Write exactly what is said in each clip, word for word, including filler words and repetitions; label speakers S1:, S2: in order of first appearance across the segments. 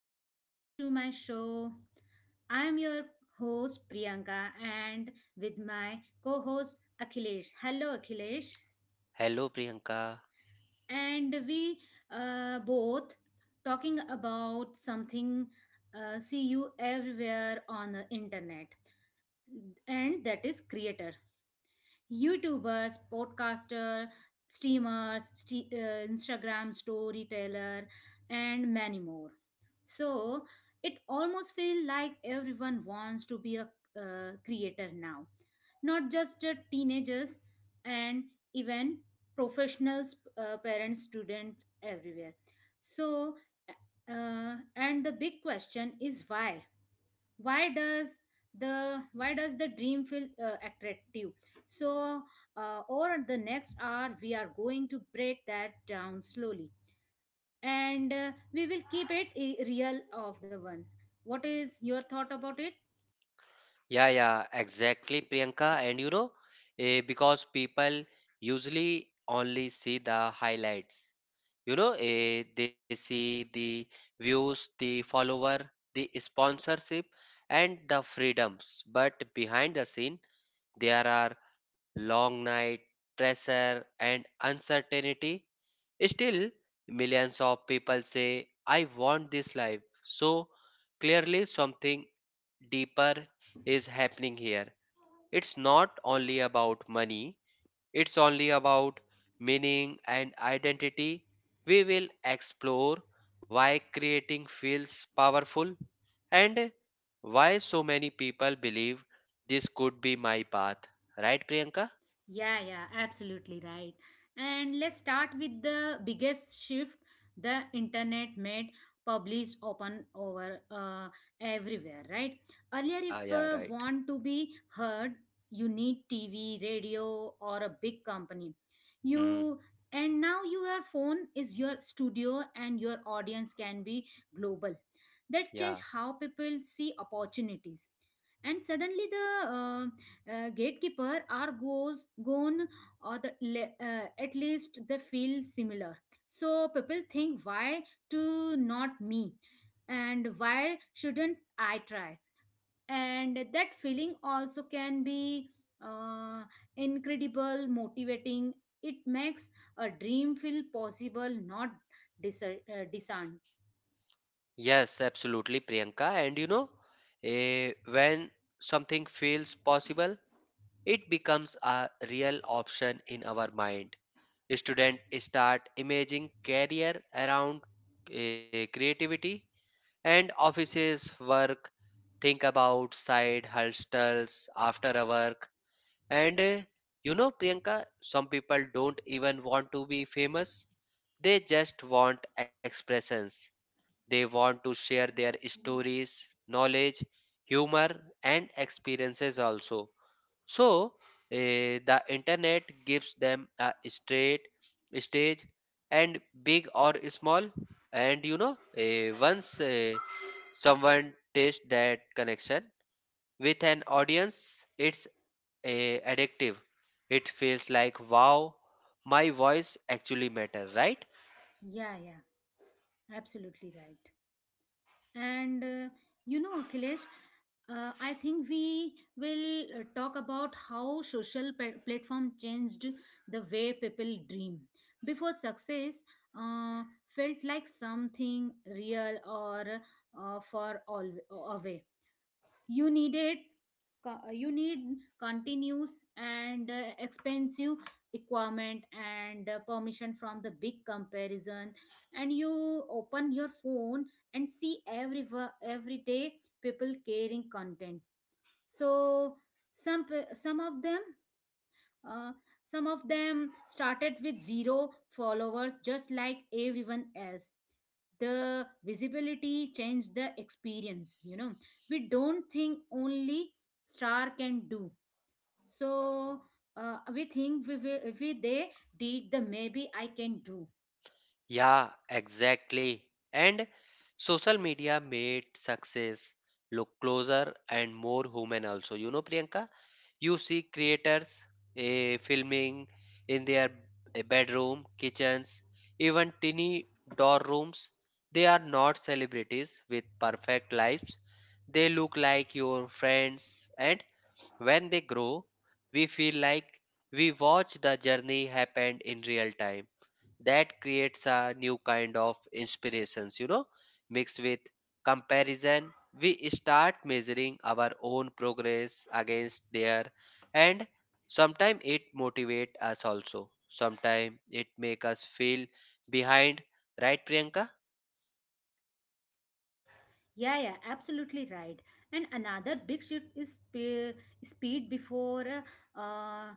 S1: welcome back to my show. I'm your host Priyanka and with my co host Akhilesh. Hello Akhilesh.
S2: Hello, Priyanka.
S1: And we uh, both talking about something uh, see you everywhere on the internet, and that is creator, YouTubers, podcaster, streamers, st- uh, Instagram storyteller, and many more. So it almost feels like everyone wants to be a uh, creator now, not just uh, teenagers and even professionals, uh, parents, students, everywhere. So, uh, and the big question is why? why does the why does the dream feel uh, attractive, so uh, over the next hour we are going to break that down slowly, and uh, we will keep it i- real of the one. What is your thought about it?
S2: Yeah, yeah, exactly, Priyanka. And you know, eh, because people usually only see the highlights. You know, eh, they see the views, the follower, the sponsorship, and the freedoms. But behind the scene, there are long night, pressure, and uncertainty. Still, millions of people say, I want this life. So clearly, something deeper is happening here. It's not only about money, it's only about meaning and identity. We will explore why creating feels powerful and why so many people believe this could be my path. Right, Priyanka?
S1: Yeah, yeah, absolutely right. And let's start with the biggest shift the internet made, publish open over uh, everywhere, right? Earlier, if
S2: Yeah,
S1: uh,
S2: yeah, right.
S1: want to be heard, you need T V, radio, or a big company.
S2: Hmm,
S1: You, and now your phone is your studio, and your audience can be global. That
S2: yeah.
S1: changed how people see opportunities, and suddenly the uh, uh, gatekeeper are goes gone, or the le- uh, at least they feel similar. So people think, why to not me, and why shouldn't I try? And that feeling also can be uh, incredible motivating. It makes a dream feel possible, not dis- uh, discerned.
S2: Yes, absolutely, Priyanka. And you know, eh, when something feels possible, it becomes a real option in our mind. Students start imaging career around eh, creativity and offices work, think about side hustles after a work. And eh, you know, Priyanka, some people don't even want to be famous. They just want expressions. They want to share their stories, knowledge, humor, and experiences also. So, eh, the internet gives them a straight stage and big or small. And you know, eh, once eh, someone tastes that connection with an audience, it's eh, addictive. It feels like, wow, my voice actually matters, right?
S1: Yeah, yeah, absolutely right. And uh, you know, Akhilesh, uh, I think we will uh, talk about how social pa- platform changed the way people dream. Before success uh, felt like something real or uh, for all away. You needed co- you need continuous and uh, expensive requirement and uh, permission from the big comparison. And you open your phone and see every wo- every day people caring content. So some pe- some of them uh, some of them started with zero followers just like everyone else. The visibility changed the experience, you know. We don't think only star can do, so uh, we think we, will, we they did the, maybe I can do.
S2: Yeah, exactly. And social media made success look closer and more human also. You know, Priyanka, you see creators eh, filming in their eh, bedroom, kitchens, even tiny door rooms. They are not celebrities with perfect lives. They look like your friends, and when they grow, we feel like we watch the journey happen in real time. That creates a new kind of inspirations, you know, mixed with comparison. We start measuring our own progress against their, and sometimes it motivates us also, sometimes it make us feel behind. Right, Priyanka?
S1: Yeah, yeah, absolutely right. And another big shift is spe- speed. Before uh, uh,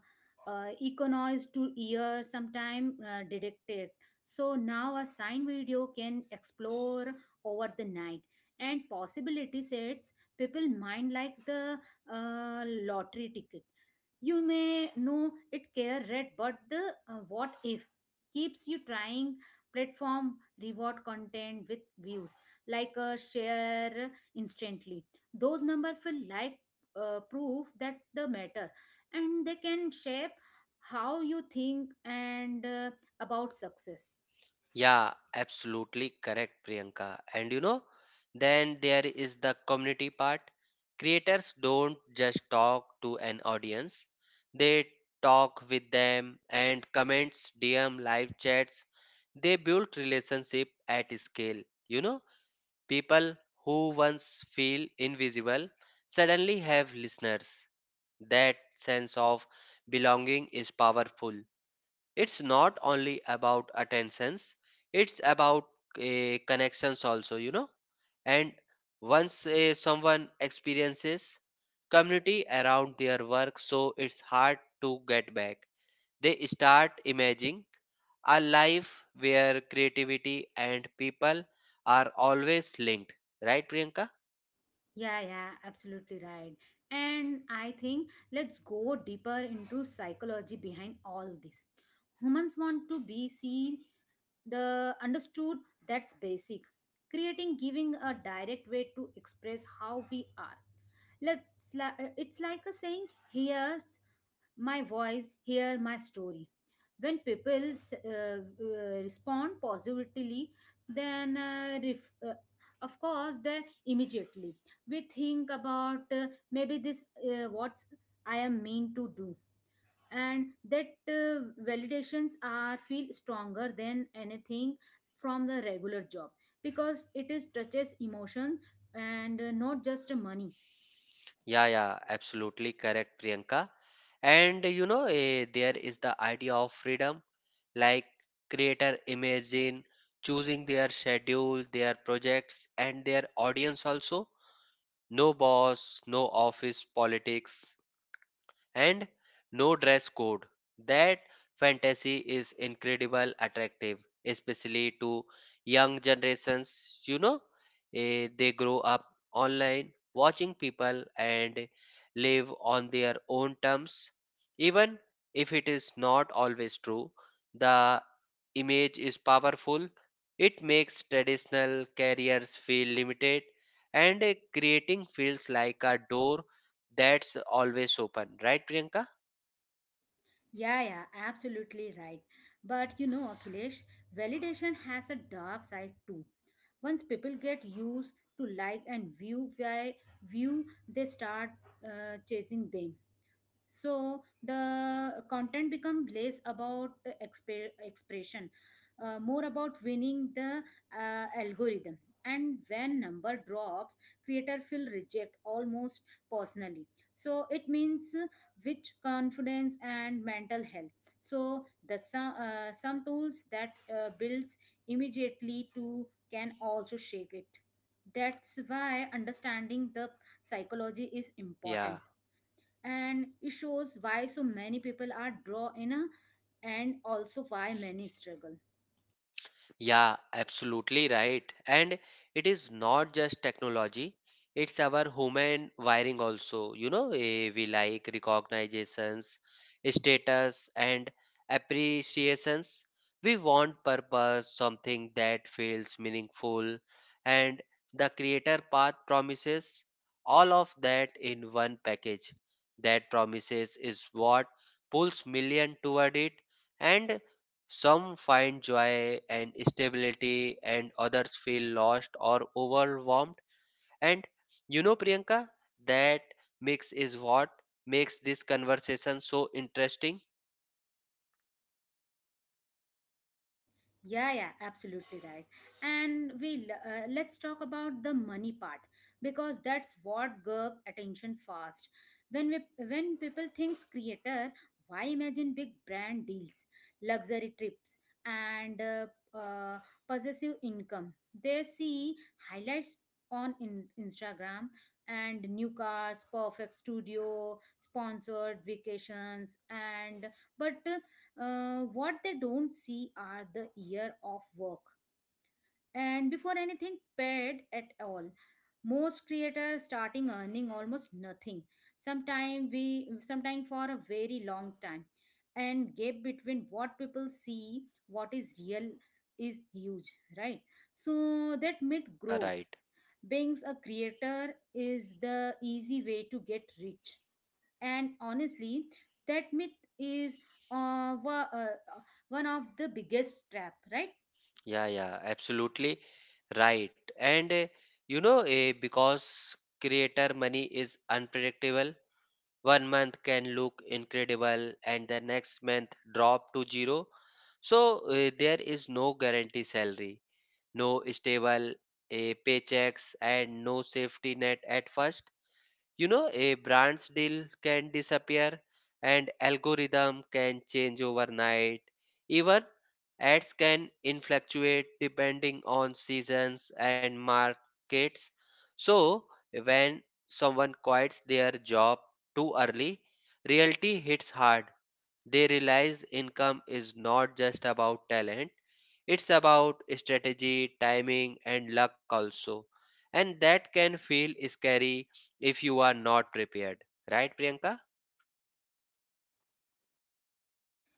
S1: uh, economize to ear sometime uh, detected. So now a sign video can explore over the night, and possibility sets people mind like the uh, lottery ticket. You may know it care red, but the uh, what if keeps you trying. Platform reward content with views, like a share, instantly. Those number feel like uh, proof that the matter, and they can shape how you think and uh, about success.
S2: Yeah, absolutely correct, Priyanka. And you know, then there is the community part. Creators don't just talk to an audience, they talk with them and comments, D M, live chats. They build relationship at scale. You know, people who once feel invisible suddenly have listeners. That sense of belonging is powerful. It's not only about attentions, it's about uh, connections also, you know. And once uh, someone experiences community around their work, so it's hard to get back. They start imagining a life where creativity and people are always linked. Right, Priyanka?
S1: Yeah, yeah, absolutely right. And I think let's go deeper into psychology behind all this. Humans want to be seen, the understood. That's basic. Creating giving a direct way to express how we are. Let's li- it's like a saying, here's my voice, hear my story. When people s- uh, uh, respond positively, then uh, ref, uh, of course then immediately we think about, uh, maybe this uh, what's I am meant to do. And that uh, validations are feel stronger than anything from the regular job, because it is touches emotion and uh, not just money.
S2: Yeah, yeah, absolutely correct, Priyanka. And you know, eh, there is the idea of freedom, like creator imagine choosing their schedule, their projects, and their audience also. No boss, no office politics, and no dress code. That fantasy is incredible attractive, especially to young generations. You know, eh, they grow up online watching people and live on their own terms. Even if it is not always true, the image is powerful. It makes traditional careers feel limited and eh, creating feels like a door that's always open, right, Priyanka?
S1: Yeah, yeah, absolutely right. But you know, Akhilesh, validation has a dark side too. Once people get used to like and view, why view they start uh, chasing them. So the content become less about the exp- expression, uh, more about winning the uh, algorithm. And when number drops, creator feel reject almost personally. So it means uh, which confidence and mental health. So the some, uh, some tools that uh, builds immediately to can also shake it. That's why understanding the psychology is
S2: Yeah.
S1: important, and it shows why so many people are drawn in a, and also why many struggle.
S2: Yeah, absolutely right. And it is not just technology, it's our human wiring also. You know, eh, we like recognitions, status, and appreciations. We want purpose, something that feels meaningful, and the creator path promises all of that in one package. That promises is what pulls million toward it, and some find joy and stability, and others feel lost or overwhelmed. And you know, Priyanka, that mix is what makes this conversation so interesting.
S1: Yeah, yeah, absolutely right. And we uh, let's talk about the money part, because that's what grab attention fast. When we when people thinks creator, why imagine big brand deals, luxury trips, and uh, uh, possessive income? They see highlights on in Instagram, and new cars, perfect studio, sponsored vacations, and but uh, uh, what they don't see are the year of work. And before anything paid at all, most creators starting earning almost nothing, sometime we sometime for a very long time. And gap between what people see, what is real, is huge, right? So that myth
S2: Yeah,
S1: grow,
S2: right.
S1: being a creator is the easy way to get rich. And honestly, that myth is uh, wa- uh, one of the biggest trap, right?
S2: Yeah, yeah, Absolutely right. And uh, you know, uh, because creator money is unpredictable, one month can look incredible and the next month drop to zero. So uh, there is no guarantee salary, no stable a paychecks, and no safety net at first. You know, a brand's deal can disappear and algorithm can change overnight. Even ads can fluctuate depending on seasons and markets. So when someone quits their job too early, reality hits hard. They realize income is not just about talent, it's about strategy, timing, and luck also. And that can feel scary if you are not prepared. Right, Priyanka?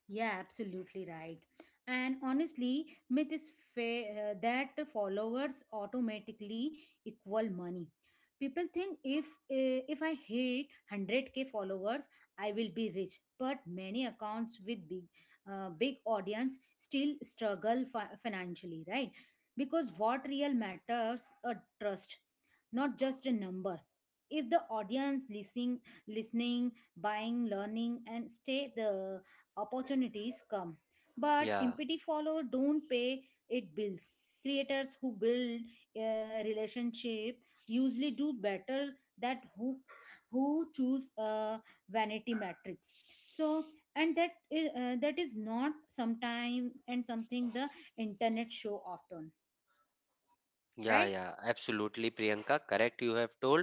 S1: Yeah, absolutely right. And honestly, myth is fa- uh, that followers automatically equal money. People think, if uh, if I hit one hundred k followers, I will be rich. But many accounts with big uh, big audience still struggle fi- financially, right? Because what real matters a trust, not just a number. If the audience listening, listening, buying, learning, and stay, the opportunities come, but
S2: Yeah,
S1: empty follow don't pay it bills. Creators who build a relationship usually do better that who who choose uh, vanity metrics. So and that is, uh, that is not sometime and something the internet show often,
S2: yeah,
S1: right?
S2: yeah, absolutely, Priyanka. Correct, you have told.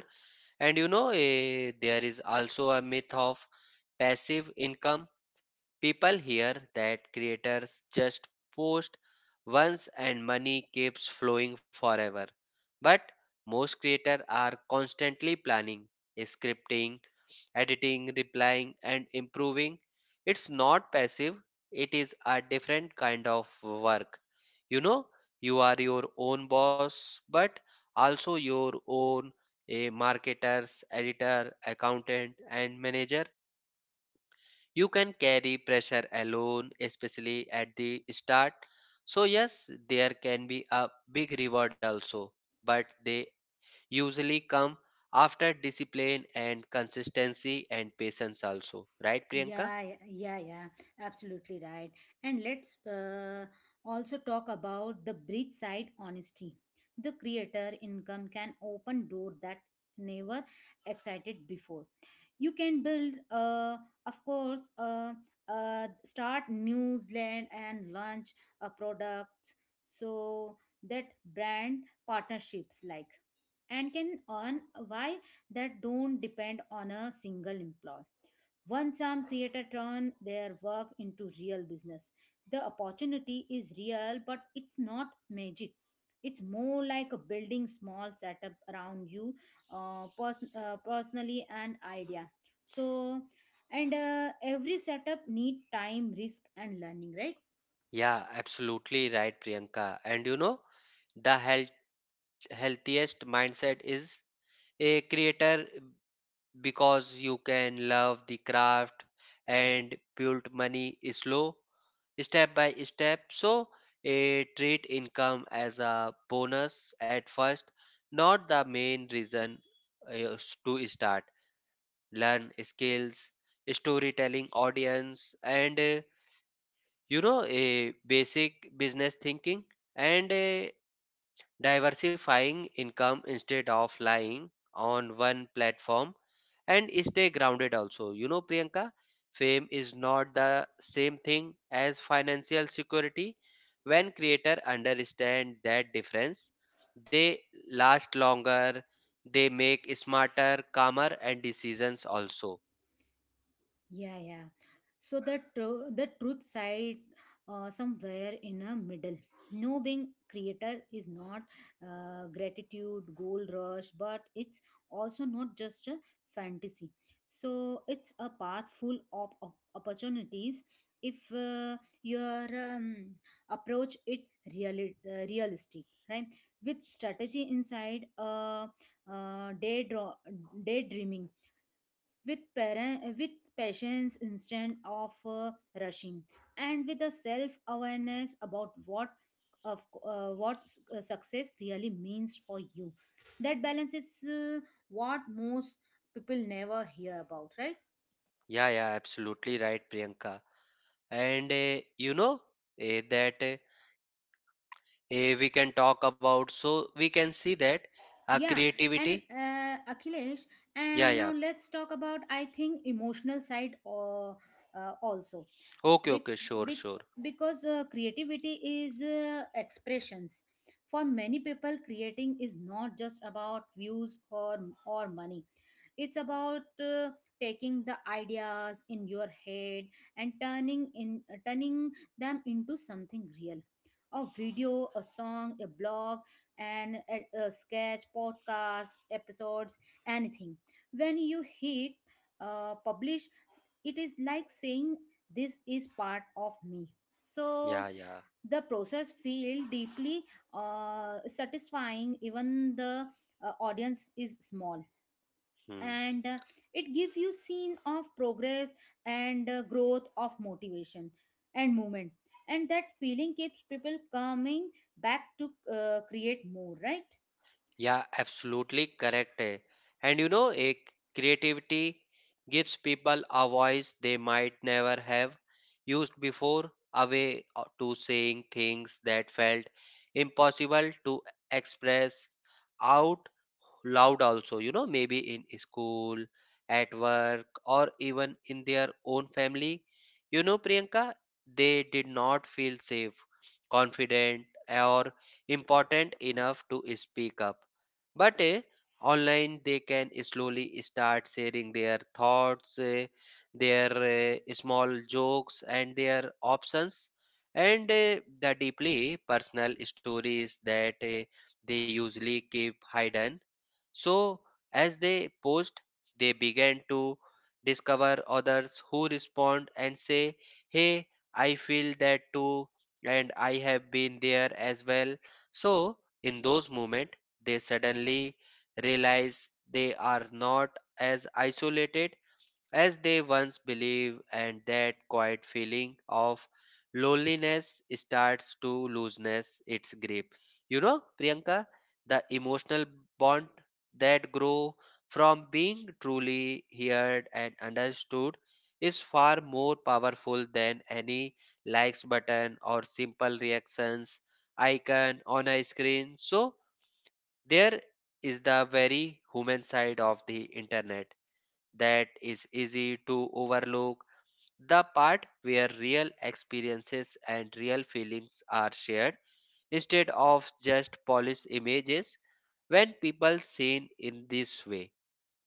S2: And you know, eh, there is also a myth of passive income. People hear that creators just post once and money keeps flowing forever. But most creators are constantly planning, scripting, editing, replying, and improving. It's not passive, it is a different kind of work. You know, you are your own boss, but also your own a marketer, editor, accountant, and manager. You can carry pressure alone, especially at the start. So, yes, there can be a big reward also, but they usually come after discipline and consistency and patience also. Right, Priyanka?
S1: Yeah, yeah, yeah, yeah, absolutely right. And let's uh, also talk about the bridge side honesty. The creator income can open door that never excited before. You can build, uh, of course, uh, uh, start newsland and launch a product. So that brand partnerships like and can earn why that don't depend on a single employee. Once some creator turn their work into real business, the opportunity is real, but it's not magic. It's more like a building small setup around you, uh, pers- uh, personally and idea. So, and uh, every setup need time, risk, and learning, right?
S2: Yeah, absolutely right, Priyanka. And you know, the health, healthiest mindset is a creator because you can love the craft and build money slow step by step. So, a treat income as a bonus at first, not the main reason uh, s- to start. Learn skills, storytelling, audience, and uh, you know, a basic business thinking. And uh, diversifying income instead of lying on one platform and stay grounded also, you know, Priyanka. Fame is not the same thing as financial security. When creators understand that difference, they last longer, they make smarter, calmer and decisions also.
S1: Yeah, yeah. So the tru- the truth side uh, somewhere in a middle. No, being creator is not uh, gratitude, gold rush, but it's also not just a fantasy. So it's a path full of, of opportunities if uh, your um, approach it reali- uh, realistic, right? With strategy inside, uh, uh, daydream, daydreaming with parent, with patience instead of uh, rushing, and with a self awareness about what of uh, what s- uh, success really means for you. That balance is uh, what most people never hear about, right?
S2: Yeah, yeah, absolutely right, Priyanka. And uh, you know, uh, that eh, eh, we can talk about so we can see that uh,
S1: Yeah. And
S2: creativity.
S1: uh, Akhilesh,
S2: Yeah,
S1: and
S2: yeah.
S1: now let's talk about I think emotional side or uh, also.
S2: Okay,
S1: Bec-
S2: okay, sure,
S1: bec-
S2: sure.
S1: because uh, creativity is uh, expressions. For many people, creating is not just about views or or money. It's about uh, taking the ideas in your head and turning in uh, turning them into something real. A video, a song, a blog, and a, a sketch, podcast episodes, anything. When you hit uh, publish, it is like saying, this is part of me. So
S2: Yeah, yeah.
S1: the process feel deeply uh, satisfying, even the uh, audience is small.
S2: Hmm.
S1: And uh, it gives you scene of progress, and uh, growth of motivation and movement. And that feeling keeps people coming back to uh, create more, right?
S2: Yeah, absolutely correct, eh. And you know, a creativity gives people a voice they might never have used before, a way o- to saying things that felt impossible to express out loud also. You know, maybe in school, at work, or even in their own family, you know, Priyanka, they did not feel safe, confident, or important enough to speak up. But eh, online they can slowly start sharing their thoughts, eh, their eh, small jokes and their options, and eh, the deeply personal stories that eh, they usually keep hidden. So, as they post, they began to discover others who respond and say, Hey, I feel that too, and I have been there as well. So, in those moments, they suddenly realize they are not as isolated as they once believed, and that quiet feeling of loneliness starts to looseness its grip. You know, Priyanka, the emotional bond that grow from being truly heard and understood is far more powerful than any likes button or simple reactions icon on a screen. So there is the very human side of the internet that is easy to overlook. The part where real experiences and real feelings are shared instead of just polished images. When people seen in this way,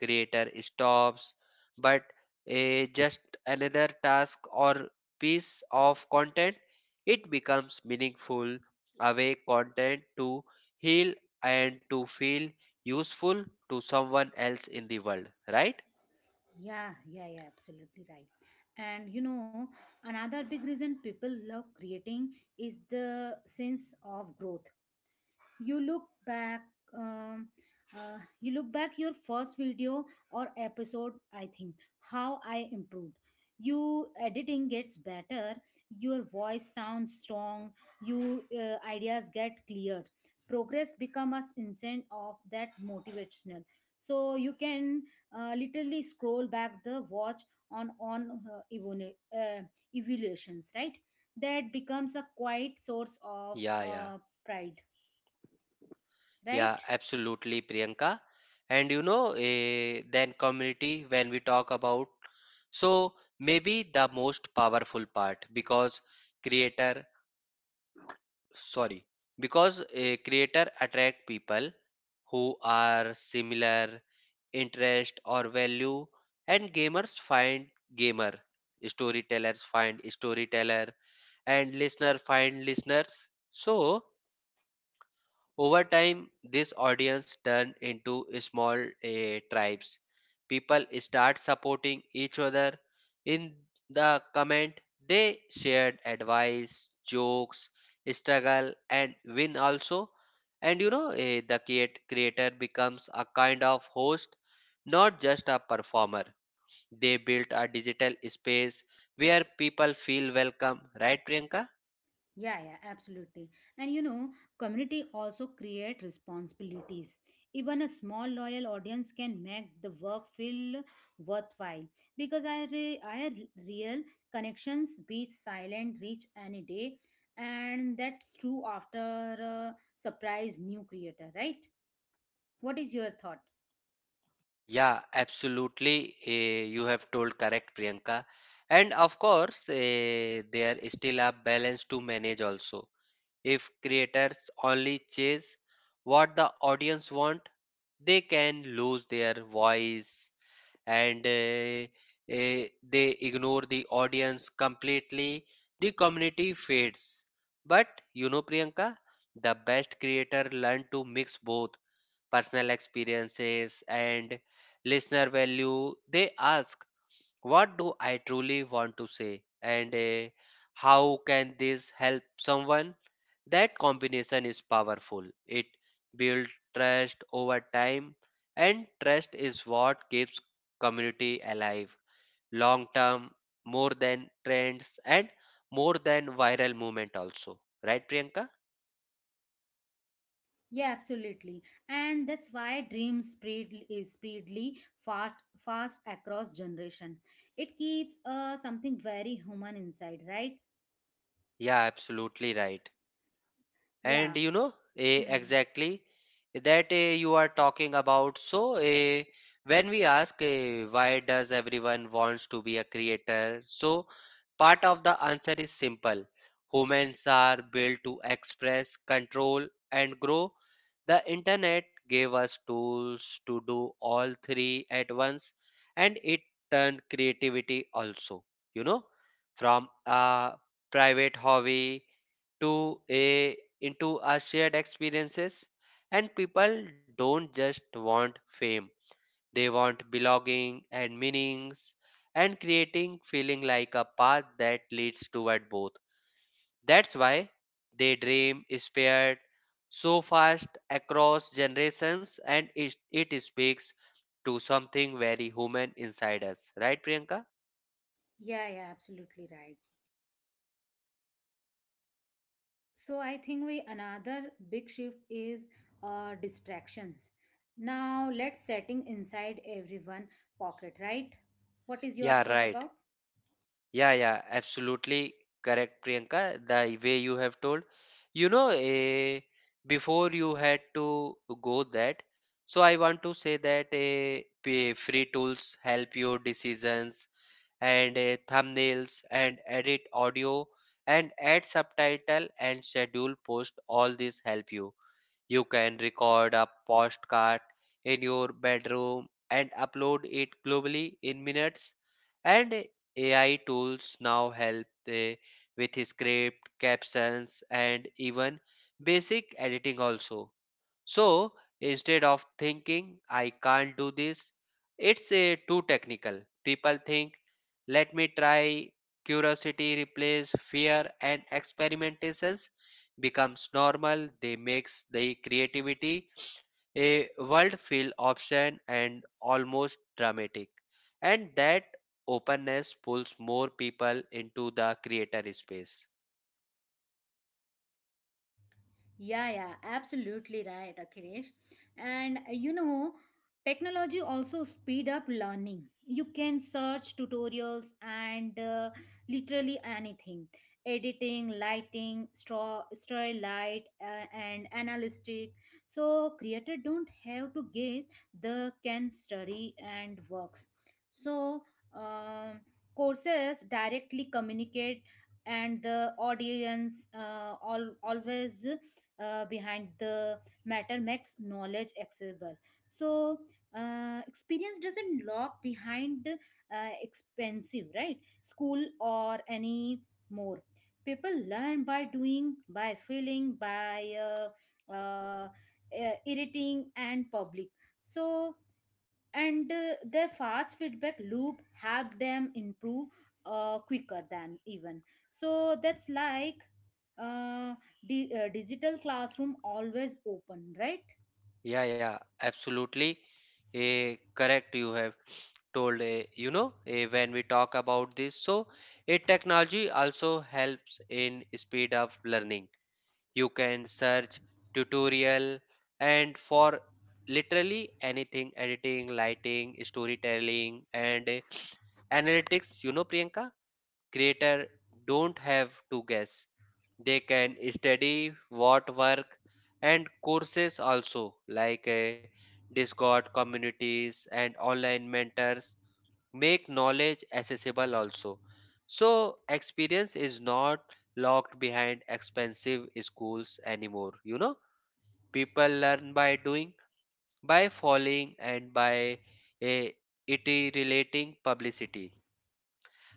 S2: creator stops but a just another task or piece of content. It becomes meaningful, away content to heal and to feel useful to someone else in the world, right?
S1: Yeah, yeah, yeah, absolutely right. And you know, another big reason people love creating is the sense of growth. you look back um, uh, you look back your first video or episode, I think, how I improved. You editing gets better, your voice sounds strong, you uh, ideas get cleared. Progress become a instant of that motivational, so you can uh, literally scroll back the watch on on uh, evolu- uh, evaluations, right? That becomes a quiet source of
S2: Yeah, yeah.
S1: uh, pride, right?
S2: Yeah, absolutely, Priyanka. And you know, eh, then community when we talk about, so maybe the most powerful part because creator sorry because a creator attract people who are similar interest or value, and gamers find gamer, storytellers find storyteller, and listener find listeners. So over time, this audience turned into small eh, tribes. People start supporting each other. In the comment, they shared advice, jokes, struggle, and win also. And you know, eh, the creat- creator becomes a kind of host, not just a performer. They built a digital space where people feel welcome, right, Priyanka?
S1: Yeah, yeah, absolutely. And you know, community also create responsibilities. Even a small loyal audience can make the work feel worthwhile, because I re- I re- real connections beat silent reach any day. And that's true after a surprise new creator, right? What is your thought?
S2: Yeah, absolutely. Eh, you have told correct, Priyanka. And of course, eh, there is still a balance to manage also. If creators only chase what the audience want, they can lose their voice, and eh, eh, they ignore the audience completely. The community fades. But you know, Priyanka, the best creator learn to mix both personal experiences, and listener value. They ask, What do I truly want to say? And uh, how can this help someone? That combination is powerful. It builds trust over time, and trust is what keeps community alive long term, more than trends and more than viral movement also. Right, Priyanka?
S1: Yeah, absolutely. And that's why dreams spread is spreadly fast fast across generation. It keeps uh something very human inside, right?
S2: Yeah, absolutely right. And
S1: Yeah.
S2: you know, eh,
S1: Hmm.
S2: exactly that eh, you are talking about. So eh, when we ask, eh, why does everyone wants to be a creator? So part of the answer is simple. Humans are built to express control and grow. The internet gave us tools to do all three at once, and it turned creativity also, you know, from a private hobby to a into our shared experiences. And people don't just want fame, they want belonging and meanings, and creating feeling like a path that leads toward both. That's why they dream is paired so fast across generations, and it, it speaks to something very human inside us, right, Priyanka?
S1: Yeah, yeah, absolutely right. So I think we another big shift is uh distractions. Now let's setting inside everyone pocket, right? What is your
S2: Yeah,
S1: thought
S2: right.
S1: about?
S2: Yeah, yeah, absolutely correct, Priyanka. The way you have told, you know, eh, before you had to go that. So I want to say that eh, p- free tools help your decisions and eh, thumbnails and edit audio and add subtitle and schedule post. All this help you. You can record a postcard in your bedroom and upload it globally in minutes. And A I tools now help the, with script, captions, and even basic editing also. So instead of thinking, I can't do this, it's a too technical. People think, let me try. Curiosity replaces fear and experimentations becomes normal. They makes the creativity a world feel option and almost dramatic. And that openness pulls more people into the creator space.
S1: Yeah, yeah, absolutely right, Akhilesh. And uh, you know, technology also speed up learning. You can search tutorials and uh, literally anything. Editing, lighting, straw, story light, uh, and analytic. So creator don't have to guess. They can study and works. So um, courses directly communicate, and the audience uh, all always uh, behind the matter makes knowledge accessible. So uh, experience doesn't lock behind uh, expensive right school or any more. People learn by doing, by feeling, by uh, uh, uh, irritating and public. So and uh, their fast feedback loop help them improve uh, quicker than even. So that's like uh, the uh, digital classroom always open, right?
S2: Yeah, yeah, absolutely. Eh, correct, you have told. Eh, you know, eh, when we talk about this, so a technology also helps in speed of learning. You can search tutorial and for literally anything, editing, lighting, storytelling, and eh, analytics. You know, Priyanka, creator don't have to guess. They can study what work and courses also like uh, Discord communities and online mentors make knowledge accessible also. So experience is not locked behind expensive schools anymore. You know, people learn by doing, by falling and by uh, iterating publicity.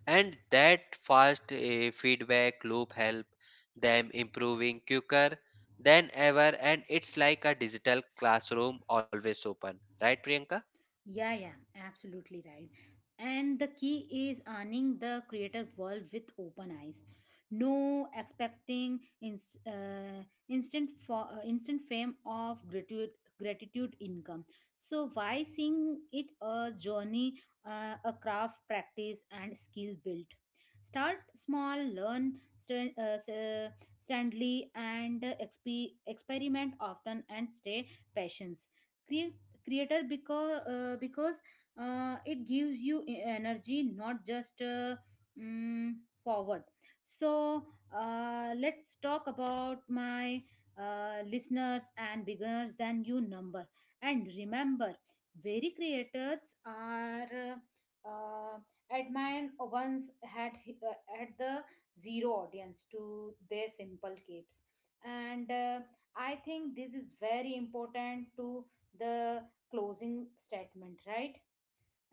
S2: And that fast eh, feedback loop help them improving quicker than ever, and it's like a digital classroom always open, right, Priyanka?
S1: Yeah, yeah, absolutely right. And the key is earning the creator world with open eyes. No expecting inst- uh, instant for uh, instant fame of gratitude gratitude income. So why seeing it a journey, uh, a craft practice and skill built. Start small, learn stand, uh, s- uh, standly and uh, exp- experiment often, and stay patient creator, because uh, because uh, it gives you e- energy not just uh, mm, forward. So uh, let's talk about my uh, listeners and beginners than you number. And remember, very creators are uh, uh, admired once had hi- uh, had the zero audience to their simple capes. And uh, I think this is very important to the closing statement, right?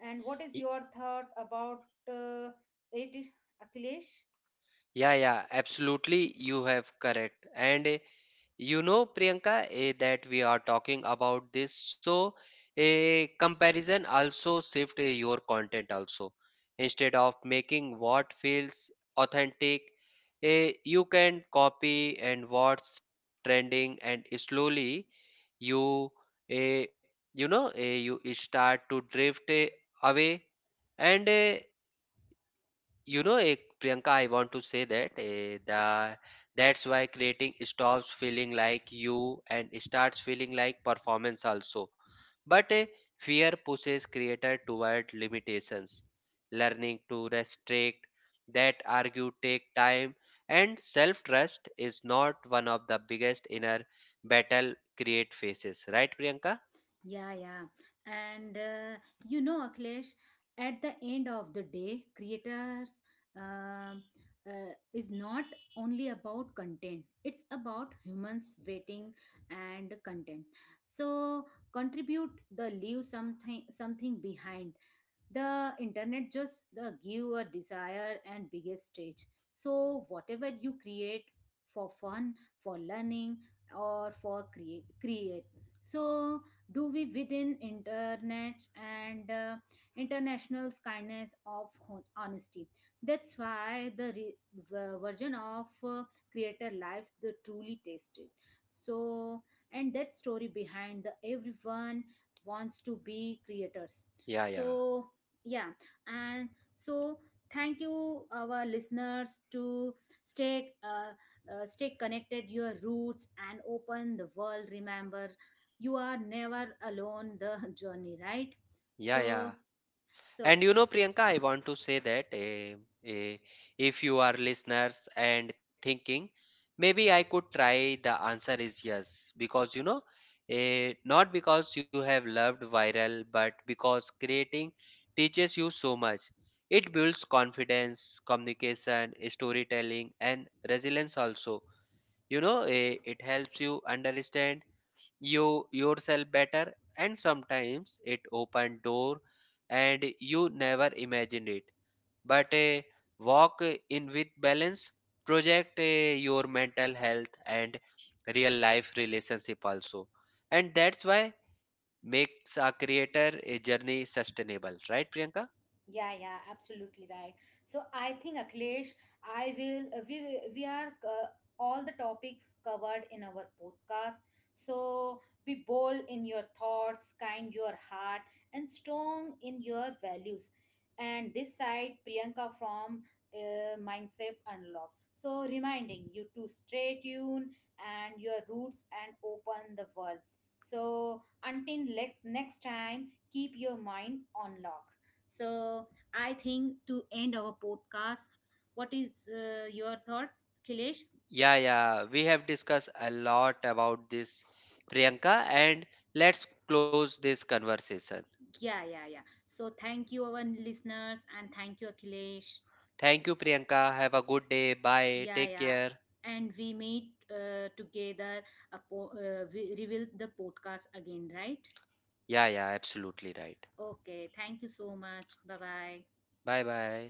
S1: And what
S2: Y-
S1: is your thought about uh, it, Akhilesh?
S2: yeah yeah, absolutely, you have correct. And eh, you know, Priyanka, eh, that we are talking about this. So, a comparison also shift eh, your content also. Instead of making what feels authentic, eh, you can copy and what's trending, and slowly you, eh, you know, eh, you start to drift eh, away. And eh, you know, eh, Priyanka, I want to say that eh, the that's why creating stops feeling like you and starts feeling like performance also. But eh, fear pushes creator toward limitations. Learning to restrict that argue take time, and self-trust is not one of the biggest inner battle create faces. Right, Priyanka?
S1: Yeah, yeah. And uh, you know, Akhilesh, at the end of the day, creators um uh, is not only about content, it's about humans waiting and content. So contribute the leave something something behind. The internet just uh, give a desire and biggest stage. So whatever you create, for fun, for learning, or for create create. So do we within internet and uh, international's kindness of hon- honesty. That's why the re- v- version of uh, creator lives the truly tasted. So and that story behind the everyone wants to be creators.
S2: Yeah, yeah,
S1: So yeah, and so thank you our listeners to stay uh, uh, stay connected your roots and open the world. Remember, you are never alone the journey, right?
S2: yeah,
S1: So
S2: yeah.
S1: so
S2: And you know, Priyanka, I want to say that eh, eh, if you are listeners and thinking, maybe I could try, the answer is yes. Because, you know, eh, not because you have loved viral, but because creating teaches you so much. It builds confidence, communication, storytelling, and resilience also. You know, eh, it helps you understand you yourself better, and sometimes it open door and you never imagined it. But a walk in with balance project eh, your mental health and real life relationship also, and that's why makes a creator a journey sustainable, right, Priyanka?
S1: Yeah, yeah, absolutely right. So I think, Akhilesh, I will uh, we will- we are uh, all the topics covered in our podcast. So be bold in your thoughts, kind your heart, and strong in your values. And this side, Priyanka from uh, Mindset Unlocked. So reminding you to stay tuned and your roots and open the world. So until le- next time, keep your mind on lock. So I think to end our podcast, what is uh, your thought, Akhilesh?
S2: Yeah, yeah, we have discussed a lot about this, Priyanka, and let's close this conversation.
S1: Yeah, yeah, yeah. So thank you, our listeners, and thank you, Akhilesh.
S2: Thank you, Priyanka. Have a good day. Bye.
S1: Yeah,
S2: Take
S1: yeah.
S2: care.
S1: And we meet uh, together, a po- uh, we reveal the podcast again, right?
S2: Yeah, yeah, absolutely right.
S1: Okay. Thank you so much. Bye bye.
S2: Bye bye.